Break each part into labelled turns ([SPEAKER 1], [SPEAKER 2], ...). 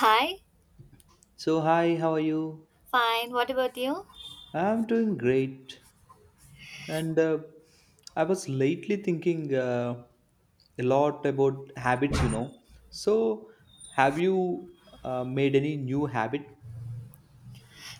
[SPEAKER 1] Hi,
[SPEAKER 2] So, hi, how are you?
[SPEAKER 1] fine. What about you?
[SPEAKER 2] I'm doing great. And I was lately thinking a lot about habits. So, have you made any new habit?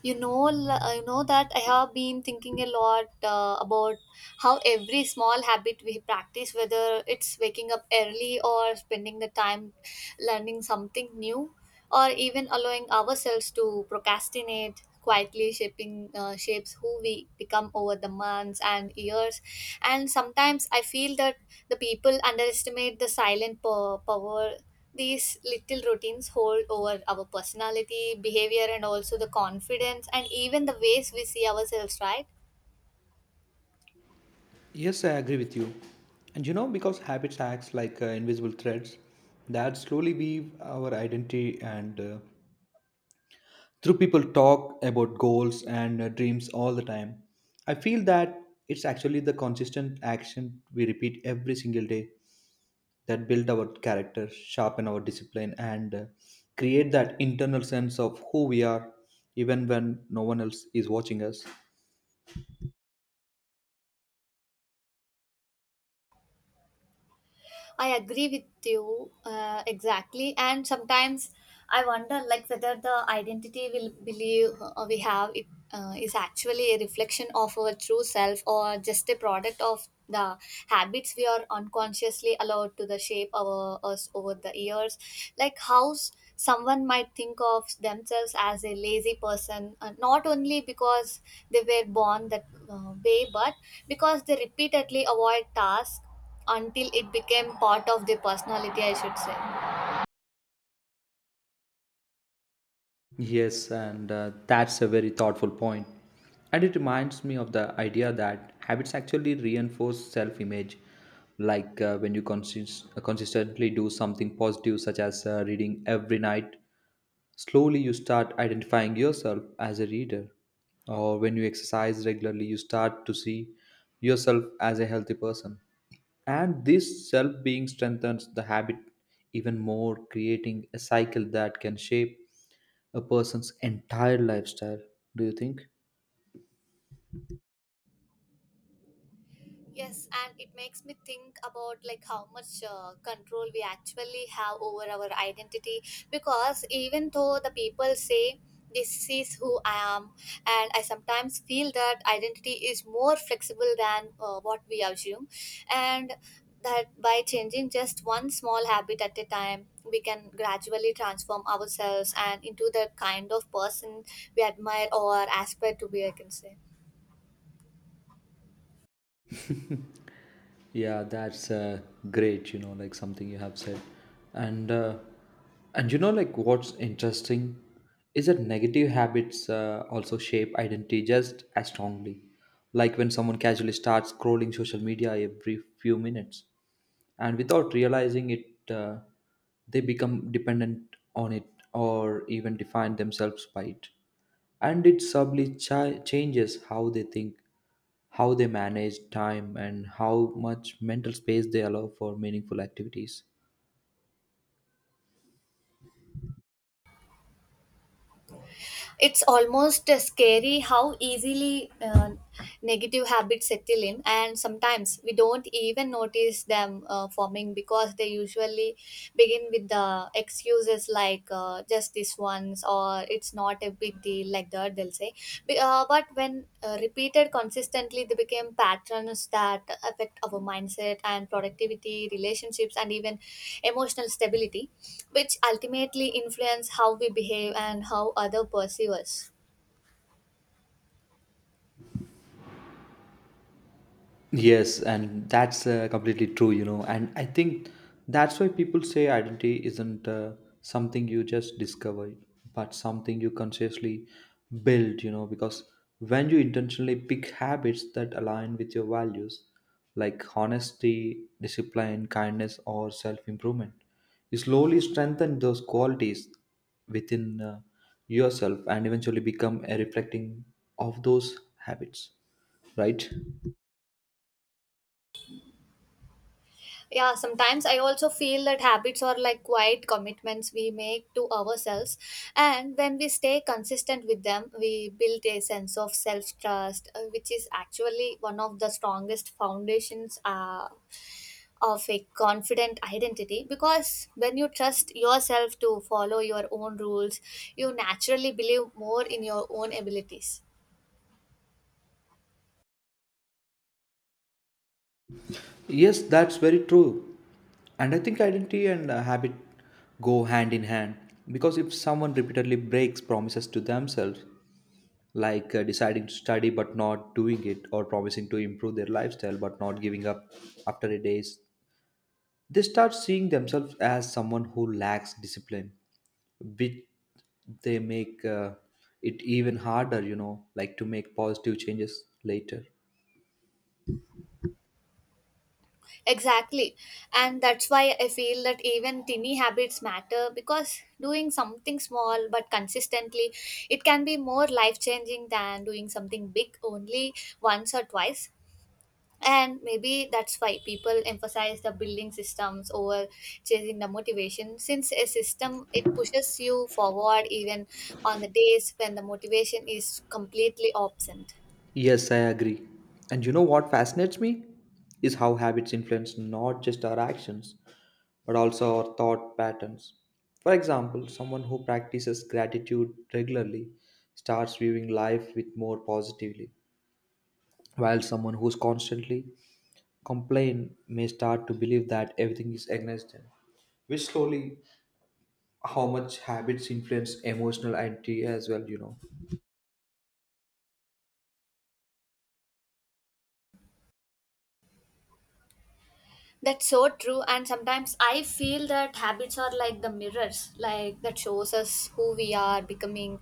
[SPEAKER 1] You know that I have been thinking a lot about how every small habit we practice, whether it's waking up early or spending the time learning something new, or even allowing ourselves to procrastinate quietly shaping shapes who we become over the months and years. And sometimes I feel that the people underestimate the silent power these little routines hold over our personality, behavior, and also the confidence and even the ways we see ourselves, right?
[SPEAKER 2] Yes, I agree with you. And because habits acts like invisible threads that slowly weave our identity and through people talk about goals and dreams all the time. I feel that it's actually the consistent action we repeat every single day that build our character, sharpen our discipline, and create that internal sense of who we are, even when no one else is watching us.
[SPEAKER 1] I agree with you exactly. And sometimes I wonder, like, whether the identity will believe we have it is actually a reflection of our true self or just a product of the habits we are unconsciously allowed to the shape our us over the years. Like how someone might think of themselves as a lazy person, not only because they were born that way, but because they repeatedly avoid tasks until it became part of their personality, I should say.
[SPEAKER 2] Yes, and that's a very thoughtful point. And it reminds me of the idea that habits actually reinforce self image. Like when you consistently do something positive, such as reading every night, slowly, you start identifying yourself as a reader, or when you exercise regularly, you start to see yourself as a healthy person. And this self being strengthens the habit even more, creating a cycle that can shape a person's entire lifestyle. Do you think?
[SPEAKER 1] Yes, and it makes me think about like how much control we actually have over our identity, because even though the people say this is who I am, and I sometimes feel that identity is more flexible than what we assume, and that by changing just one small habit at a time we can gradually transform ourselves and into the kind of person we admire or aspire to be, I can say.
[SPEAKER 2] Yeah, that's great, like something you have said. And uh, and like what's interesting is that negative habits also shape identity just as strongly. Like when someone casually starts scrolling social media every few minutes and without realizing it, they become dependent on it or even define themselves by it, and it subtly changes how they think, how they manage time, and how much mental space they allow for meaningful activities.
[SPEAKER 1] It's almost scary how easily negative habits settle in, and sometimes we don't even notice them forming, because they usually begin with the excuses like just this once or it's not a big deal, like that they'll say. But when repeated consistently they became patterns that affect our mindset and productivity, relationships, and even emotional stability, which ultimately influence how we behave and how other perceive us.
[SPEAKER 2] Yes, and that's completely true. And I think that's why people say identity isn't something you just discover, but something you consciously build, because when you intentionally pick habits that align with your values, like honesty, discipline, kindness, or self improvement, you slowly strengthen those qualities within yourself and eventually become a reflecting of those habits, right?
[SPEAKER 1] Yeah, sometimes I also feel that habits are like quiet commitments we make to ourselves, and when we stay consistent with them we build a sense of self trust, which is actually one of the strongest foundations of a confident identity, because when you trust yourself to follow your own rules, you naturally believe more in your own abilities.
[SPEAKER 2] Yes, that's very true. And I think identity and habit go hand in hand because if someone repeatedly breaks promises to themselves, like deciding to study but not doing it, or promising to improve their lifestyle but not giving up after a days, they start seeing themselves as someone who lacks discipline, which they make it even harder, like to make positive changes later.
[SPEAKER 1] Exactly. And that's why I feel that even tiny habits matter, because doing something small but consistently, it can be more life changing than doing something big only once or twice. And maybe that's why people emphasize the building systems over chasing the motivation, since a system it pushes you forward even on the days when the motivation is completely absent.
[SPEAKER 2] Yes, I agree. And you know what fascinates me? Is how habits influence not just our actions, but also our thought patterns. For example, someone who practices gratitude regularly starts viewing life with more positively, while someone who's constantly complain may start to believe that everything is against them. Which slowly how much habits influence emotional identity as well.
[SPEAKER 1] That's so true. And sometimes I feel that habits are like the mirrors like that shows us who we are becoming,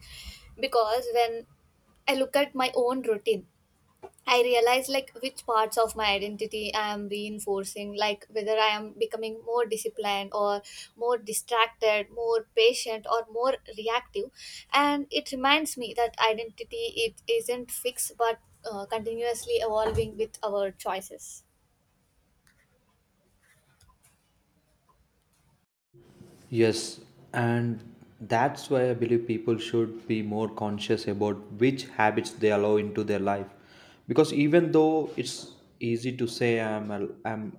[SPEAKER 1] because when I look at my own routine, I realize like which parts of my identity I am reinforcing, like whether I am becoming more disciplined or more distracted, more patient or more reactive. And it reminds me that identity it isn't fixed but continuously evolving with our choices.
[SPEAKER 2] Yes, and that's why I believe people should be more conscious about which habits they allow into their life. Because even though it's easy to say I'm a, I'm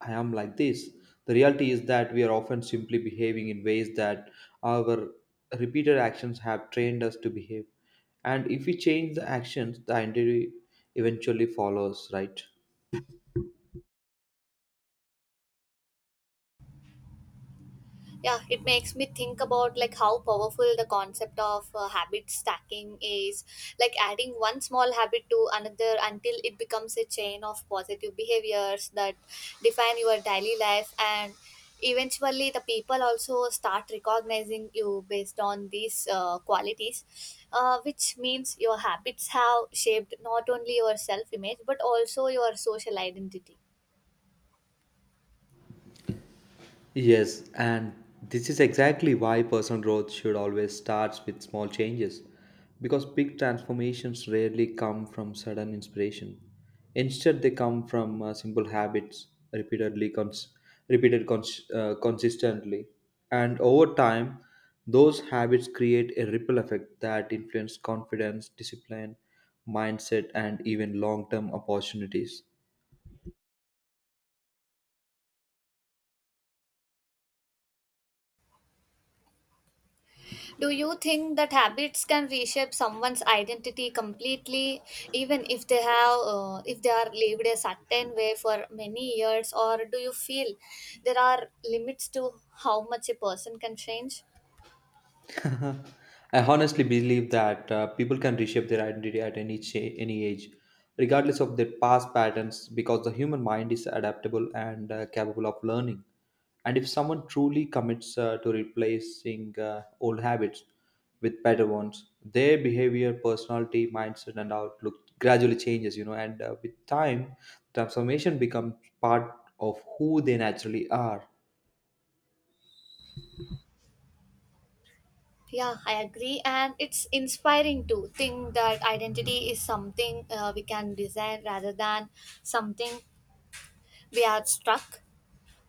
[SPEAKER 2] I am like this, the reality is that we are often simply behaving in ways that our repeated actions have trained us to behave. And if we change the actions, the identity eventually follows, right?
[SPEAKER 1] Yeah, it makes me think about like how powerful the concept of habit stacking is, like adding one small habit to another until it becomes a chain of positive behaviors that define your daily life, and eventually the people also start recognizing you based on these qualities, which means your habits have shaped not only your self image but also your social identity.
[SPEAKER 2] Yes, and this is exactly why personal growth should always start with small changes, because big transformations rarely come from sudden inspiration. Instead, they come from simple habits repeatedly cons- repeated cons- consistently, and over time, those habits create a ripple effect that influence confidence, discipline, mindset, and even long-term opportunities.
[SPEAKER 1] Do you think that habits can reshape someone's identity completely, even if they are lived a certain way for many years, or do you feel there are limits to how much a person can change?
[SPEAKER 2] I honestly believe that people can reshape their identity at any age, regardless of their past patterns, because the human mind is adaptable and capable of learning. And if someone truly commits to replacing old habits with better ones, their behavior, personality, mindset, and outlook gradually changes. And with time, transformation becomes part of who they naturally are.
[SPEAKER 1] Yeah, I agree, and it's inspiring to think that identity is something we can design rather than something we are struck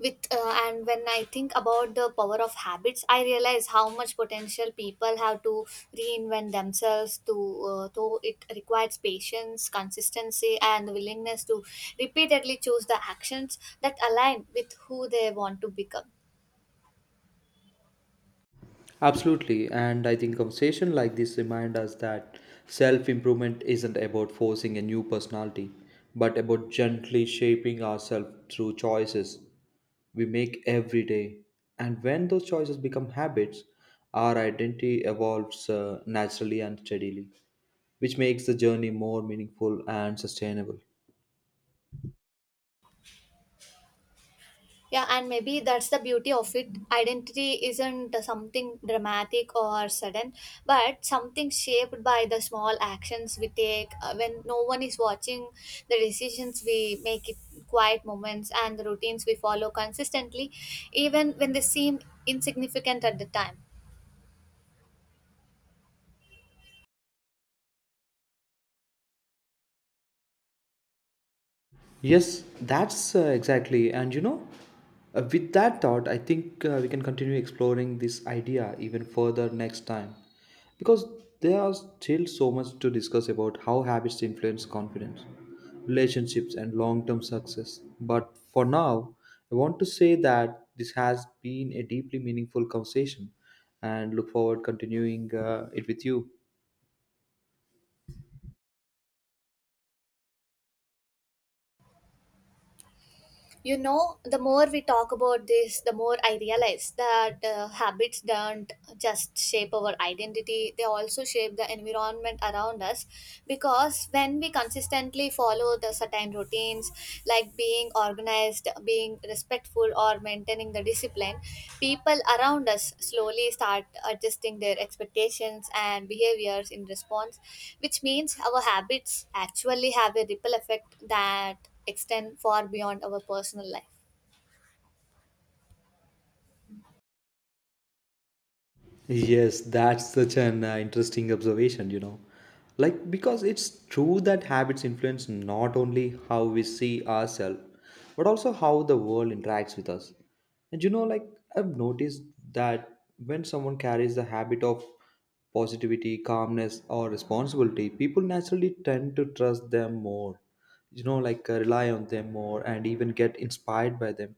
[SPEAKER 1] with, and when I think about the power of habits I realize how much potential people have to reinvent themselves to though it requires patience, consistency and the willingness to repeatedly choose the actions that align with who they want to become.
[SPEAKER 2] Absolutely, and I think conversation like this remind us that self-improvement isn't about forcing a new personality, but about gently shaping ourselves through choices we make every day. And when those choices become habits, our identity evolves naturally and steadily, which makes the journey more meaningful and sustainable.
[SPEAKER 1] Yeah, and maybe that's the beauty of it. Identity isn't something dramatic or sudden, but something shaped by the small actions we take when no one is watching, the decisions we make, it quiet moments, and the routines we follow consistently, even when they seem insignificant at the time.
[SPEAKER 2] Yes, that's exactly. And with that thought, I think we can continue exploring this idea even further next time because there are still so much to discuss about how habits influence confidence, relationships, and long term success. But for now, I want to say that this has been a deeply meaningful conversation and look forward continuing it with you.
[SPEAKER 1] You know, the more we talk about this the more I realize that habits don't just shape our identity, they also shape the environment around us, because when we consistently follow the certain routines like being organized, being respectful or maintaining the discipline, people around us slowly start adjusting their expectations and behaviors in response, which means our habits actually have a ripple effect that extend far beyond our personal life.
[SPEAKER 2] Yes, that's such an interesting observation. Like, because it's true that habits influence not only how we see ourselves, but also how the world interacts with us. And like, I've noticed that when someone carries the habit of positivity, calmness, or responsibility, people naturally tend to trust them more, like, rely on them more, and even get inspired by them,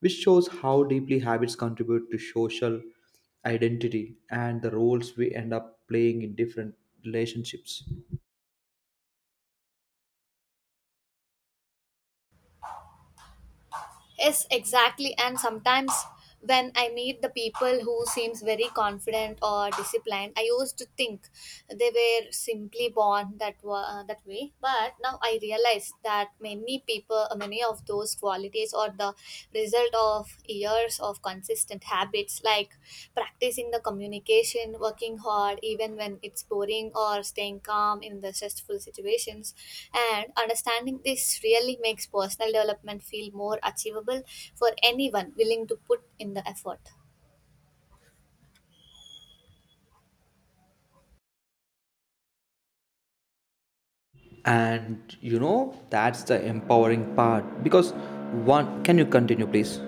[SPEAKER 2] which shows how deeply habits contribute to social identity and the roles we end up playing in different relationships.
[SPEAKER 1] Yes, exactly. And sometimes when I meet the people who seems very confident or disciplined, I used to think they were simply born that way, but now I realize that many people many of those qualities are the result of years of consistent habits, like practicing the communication, working hard even when it's boring, or staying calm in the stressful situations. And understanding this really makes personal development feel more achievable for anyone willing to put in the effort.
[SPEAKER 2] And that's the empowering part, because one, can you continue, please?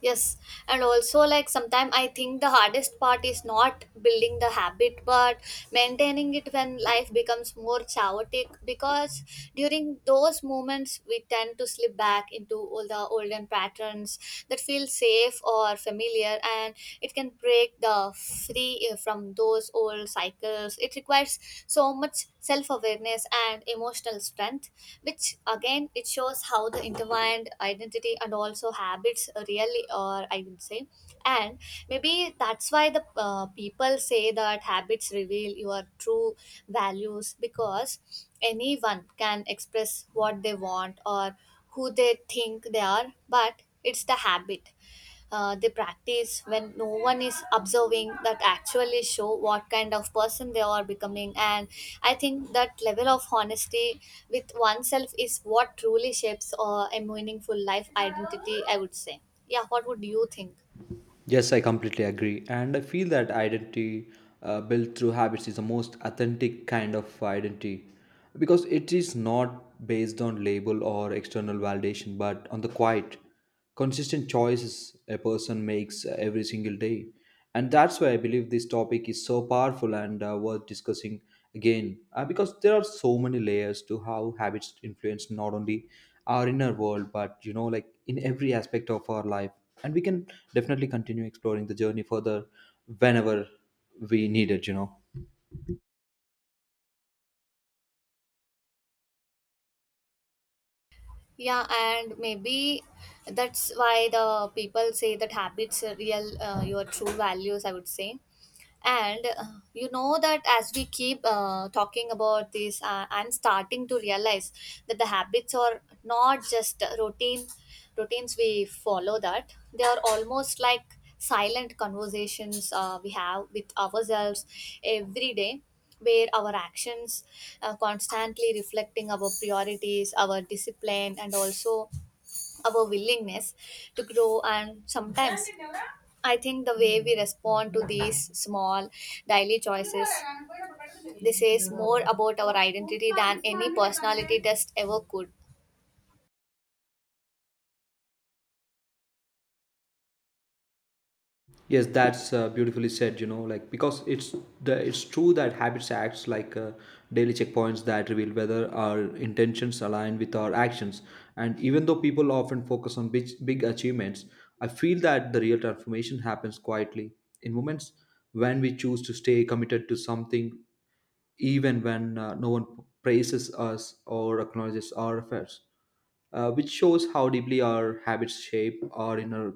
[SPEAKER 1] Yes, and also like sometimes I think the hardest part is not building the habit but maintaining it when life becomes more chaotic, because during those moments we tend to slip back into all the olden patterns that feel safe or familiar, and it can break the free from those old cycles. It requires so much self-awareness and emotional strength, which again it shows how the intertwined identity and also habits really are, I would say. And maybe that's why the people say that habits reveal your true values, because anyone can express what they want or who they think they are, but it's the habit they practice when no one is observing that actually show what kind of person they are becoming. And I think that level of honesty with oneself is what truly shapes a meaningful life identity, I would say. Yeah, what would you think?
[SPEAKER 2] Yes, I completely agree. And I feel that identity built through habits is the most authentic kind of identity, because it is not based on label or external validation, but on the quiet, consistent choices a person makes every single day. And that's why I believe this topic is so powerful and worth discussing again, because there are so many layers to how habits influence not only our inner world, but like in every aspect of our life. And we can definitely continue exploring the journey further whenever we need it.
[SPEAKER 1] Yeah, and maybe that's why the people say that habits are real your true values, I would say. And you know that as we keep talking about this, I'm starting to realize that the habits are not just routines we follow, that they are almost like silent conversations we have with ourselves every day, where our actions are constantly reflecting our priorities, our discipline, and also our willingness to grow. And sometimes I think the way we respond to these small daily choices this is more about our identity than any personality test ever could.
[SPEAKER 2] Yes, that's beautifully said. Like, because it's true that habits acts like daily checkpoints that reveal whether our intentions align with our actions. And even though people often focus on big achievements, I feel that the real transformation happens quietly in moments when we choose to stay committed to something, even when no one praises us or acknowledges our efforts, which shows how deeply our habits shape our inner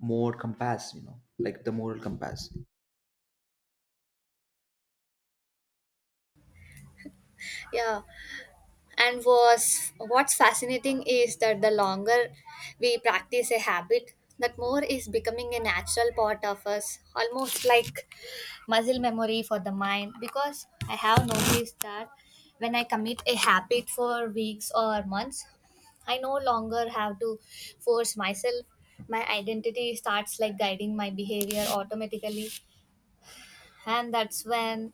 [SPEAKER 2] moral compass, like the moral compass.
[SPEAKER 1] Yeah, and was what's fascinating is that the longer we practice a habit that more is becoming a natural part of us, almost like muscle memory for the mind, because I have noticed that when I commit a habit for weeks or months, I no longer have to force myself. My identity starts like guiding my behavior automatically, and that's when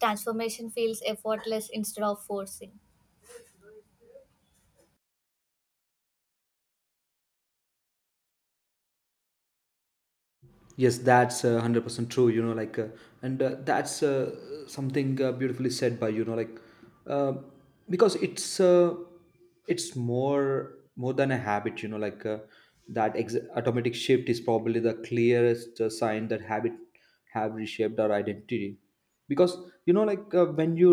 [SPEAKER 1] transformation feels effortless instead of forcing.
[SPEAKER 2] Yes, that's 100% true, and that's something beautifully said by, uh, because it's more than a habit, like that automatic shift is probably the clearest sign that habit have reshaped our identity, because like when you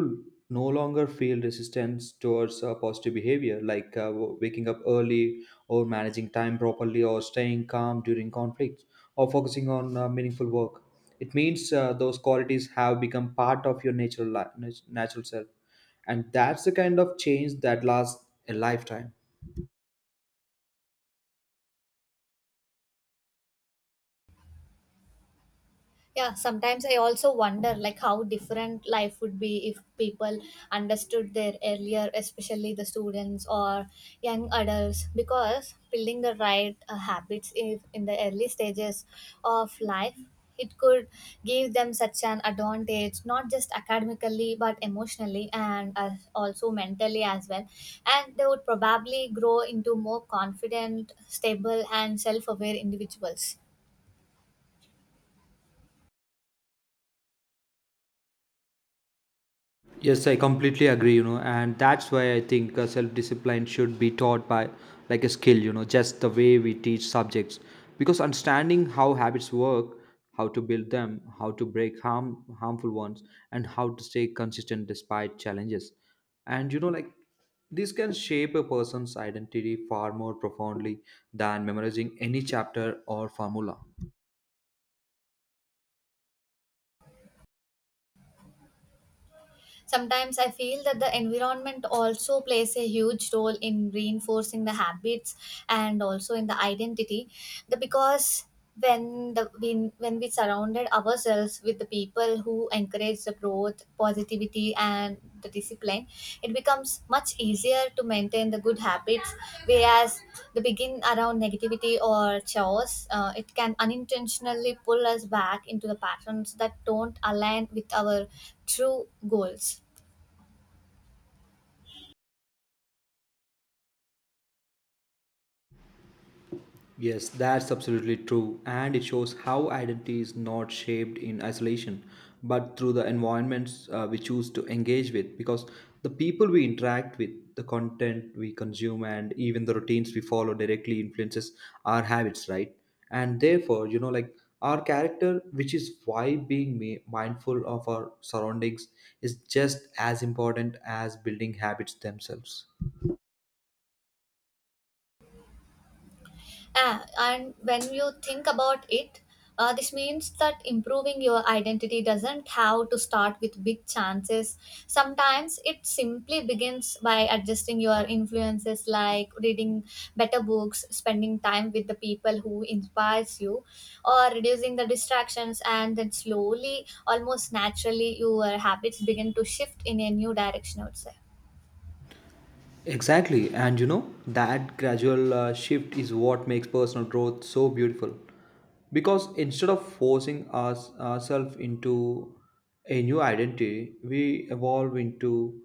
[SPEAKER 2] no longer feel resistance towards positive behavior, like waking up early or managing time properly or staying calm during conflicts or focusing on meaningful work. It means those qualities have become part of your natural natural self, and that's the kind of change that lasts a lifetime.
[SPEAKER 1] Yeah, sometimes I also wonder like how different life would be if people understood their earlier, especially the students or young adults, because building the right habits if in the early stages of life, it could give them such an advantage, not just academically but emotionally and also mentally as well. And they would probably grow into more confident, stable, and self aware individuals.
[SPEAKER 2] Yes, I completely agree, and that's why I think self discipline should be taught by like a skill, just the way we teach subjects. Because understanding how habits work, how to build them, how to break harmful ones, and how to stay consistent despite challenges. And, like, this can shape a person's identity far more profoundly than memorizing any chapter or formula.
[SPEAKER 1] Sometimes I feel that the environment also plays a huge role in reinforcing the habits and also in the identity. The. Because when we surrounded ourselves with the people who encourage the growth, positivity study and the discipline, it becomes much easier to maintain the good habits. Whereas the begin around negativity or chores, it can unintentionally pull us back into the patterns that don't align with our true goals.
[SPEAKER 2] Yes, that's absolutely true, and it shows how identity is not shaped in isolation, but through the environments we choose to engage with. Because the people we interact with, the content we consume, and even the routines we follow directly influences our habits, right? And therefore, like, our character, which is why being mindful of our surroundings is just as important as building habits themselves.
[SPEAKER 1] Ah, and when you think about it, this means that improving your identity doesn't have to start with big chances. Sometimes it simply begins by adjusting your influences, like reading better books, spending time with the people who inspires you, or reducing the distractions. And then slowly, almost naturally, your habits begin to shift in a new direction, I would say.
[SPEAKER 2] Exactly, and that gradual shift is what makes personal growth so beautiful. Because instead of forcing ourselves into a new identity, we evolve into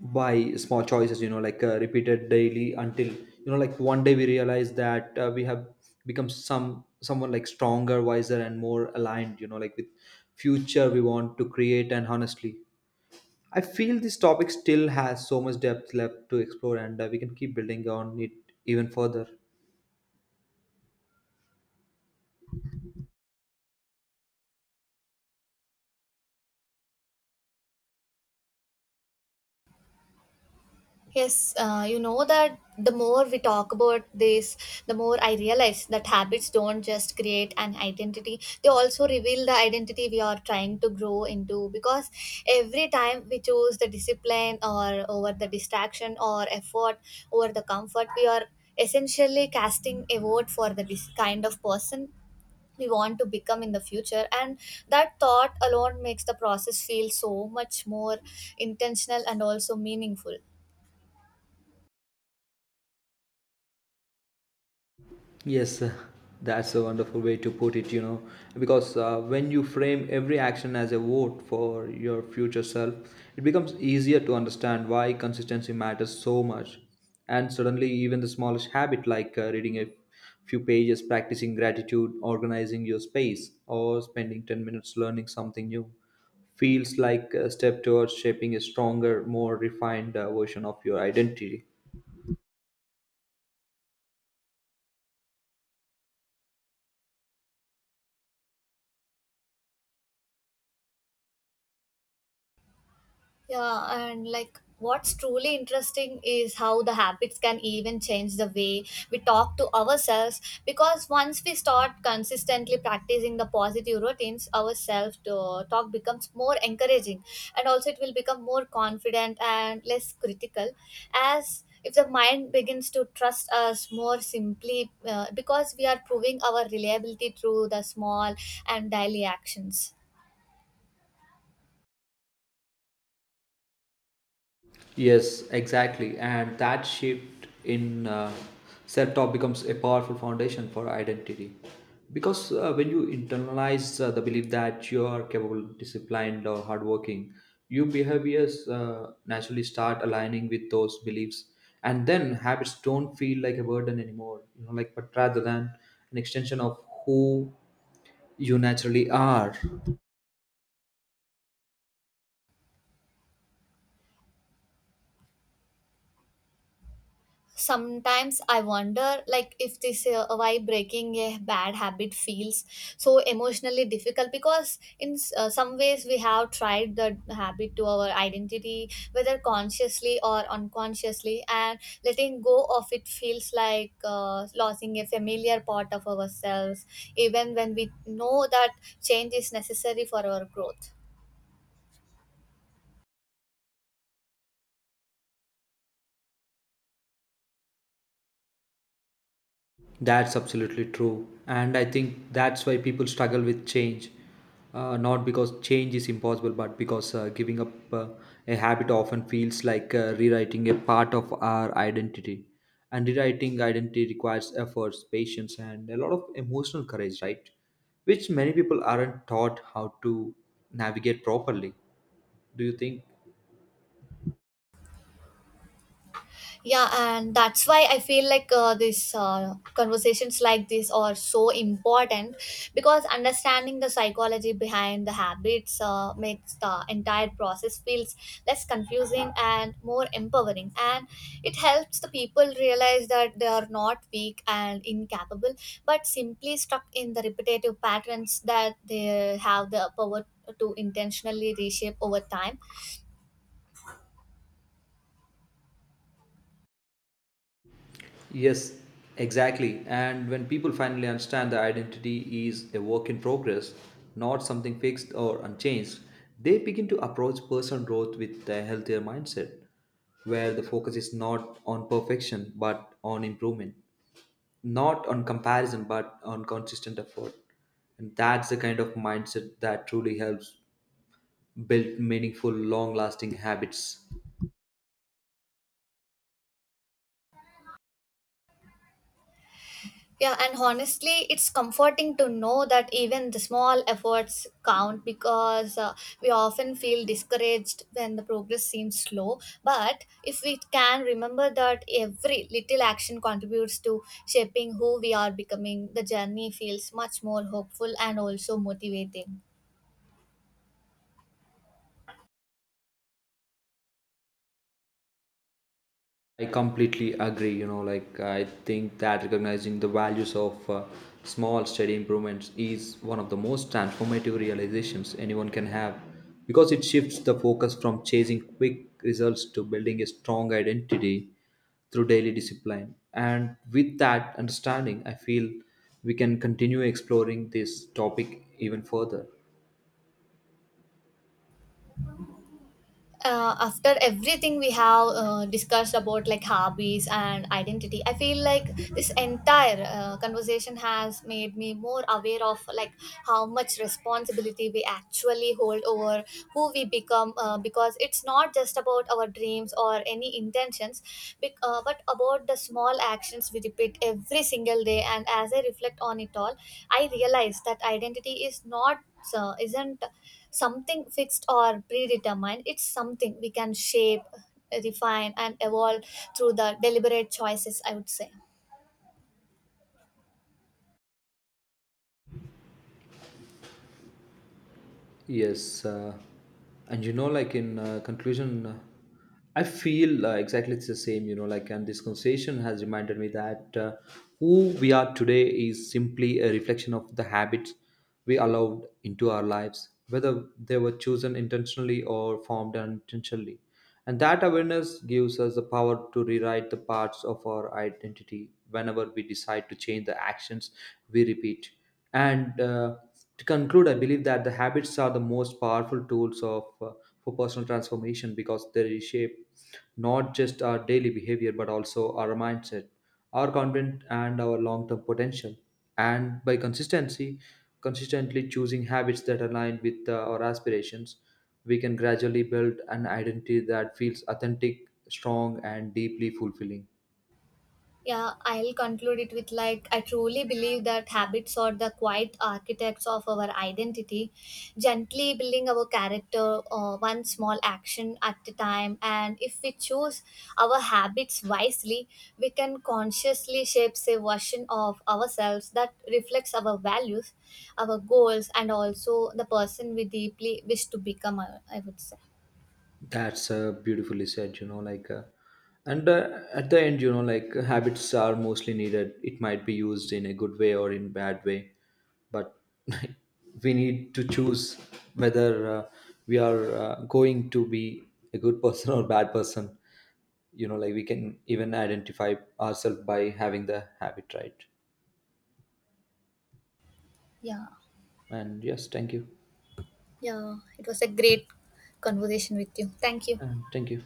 [SPEAKER 2] by small choices, like repeated daily until, like one day we realize that we have become someone like stronger, wiser, and more aligned, like with future we want to create. And honestly, I feel this topic still has so much depth left to explore, and we can keep building on it even further.
[SPEAKER 1] Yes, you know that the more we talk about this, the more I realize that habits don't just create an identity, they also reveal the identity we are trying to grow into, because every time we choose the discipline or over the distraction or effort over the comfort, we are essentially casting a vote for the kind of person we want to become in the future, and that thought alone makes the process feel so much more intentional and also meaningful.
[SPEAKER 2] Yes, that's a wonderful way to put it, because when you frame every action as a vote for your future self, it becomes easier to understand why consistency matters so much. And suddenly, even the smallest habit, like reading a few pages, practicing gratitude, organizing your space, or spending 10 minutes learning something new, feels like a step towards shaping a stronger, more refined version of your identity.
[SPEAKER 1] Yeah, and like what's truly interesting is how the habits can even change the way we talk to ourselves, because once we start consistently practicing the positive routines, our talk becomes more encouraging, and also it will become more confident and less critical, as if the mind begins to trust us more simply because we are proving our reliability through the small and daily actions.
[SPEAKER 2] Yes, exactly. And that shift in self talk becomes a powerful foundation for identity. Because when you internalize the belief that you are capable, disciplined, or hardworking, your behaviors naturally start aligning with those beliefs. And then habits don't feel like a burden anymore, like, but rather than an extension of who you naturally are.
[SPEAKER 1] Sometimes I wonder like if this why breaking a bad habit feels so emotionally difficult, because in some ways we have tried the habit to our identity whether consciously or unconsciously, and letting go of it feels like losing a familiar part of ourselves, even when we know that change is necessary for our growth.
[SPEAKER 2] That's absolutely true. And I think that's why people struggle with change. Not because change is impossible, but because giving up a habit often feels like rewriting a part of our identity. And rewriting identity requires efforts, patience, and a lot of emotional courage, right? Which many people aren't taught how to navigate properly. Do you think?
[SPEAKER 1] Yeah, and that's why I feel like these conversations like this are so important, because understanding the psychology behind the habits makes the entire process feels less confusing and more empowering, and it helps the people realize that they are not weak and incapable but simply stuck in the repetitive patterns that they have the power to intentionally reshape over time.
[SPEAKER 2] Yes, exactly. And when people finally understand that identity is a work in progress, not something fixed or unchanged, they begin to approach personal growth with a healthier mindset, where the focus is not on perfection but on improvement, not on comparison but on consistent effort. And that's the kind of mindset that truly helps build meaningful, long lasting habits.
[SPEAKER 1] Yeah, and honestly, it's comforting to know that even the small efforts count, because we often feel discouraged when the progress seems slow. But if we can remember that every little action contributes to shaping who we are becoming, the journey feels much more hopeful and also motivating.
[SPEAKER 2] I completely agree. Like, I think that recognizing the values of small, steady improvements is one of the most transformative realizations anyone can have, because it shifts the focus from chasing quick results to building a strong identity through daily discipline. And with that understanding, I feel we can continue exploring this topic even further.
[SPEAKER 1] After everything we have discussed about like hobbies and identity, I feel like this entire conversation has made me more aware of like how much responsibility we actually hold over who we become, because it's not just about our dreams or any intentions, but about the small actions we repeat every single day. And as I reflect on it all, I realize that identity is not isn't something fixed or predetermined. It's something we can shape, refine, and evolve through the deliberate choices, I would say.
[SPEAKER 2] Yes, and like in conclusion, I feel exactly it's the same. And this conversation has reminded me that who we are today is simply a reflection of the habits we allowed into our lives, whether they were chosen intentionally or formed unintentionally. And that awareness gives us the power to rewrite the parts of our identity whenever we decide to change the actions we repeat. And to conclude, I believe that the habits are the most powerful tools of for personal transformation, because they reshape not just our daily behavior but also our mindset, our content, and our long-term potential. And by consistency consistently choosing habits that align with our aspirations, we can gradually build an identity that feels authentic, strong, and deeply fulfilling.
[SPEAKER 1] Yeah, I'll conclude it with like, I truly believe that habits are the quiet architects of our identity, gently building our character one small action at a time. And if we choose our habits wisely, we can consciously shape a version of ourselves that reflects our values, our goals, and also the person we deeply wish to become, I would say.
[SPEAKER 2] That's beautifully said, you know, like, and at the end, like, habits are mostly needed. It might be used in a good way or in bad way, but we need to choose whether we are going to be a good person or bad person. Like, we can even identify ourselves by having the habit, right?
[SPEAKER 1] Yeah,
[SPEAKER 2] And yes, thank you.
[SPEAKER 1] yeah, it was a great conversation with you. Thank you.
[SPEAKER 2] And thank you.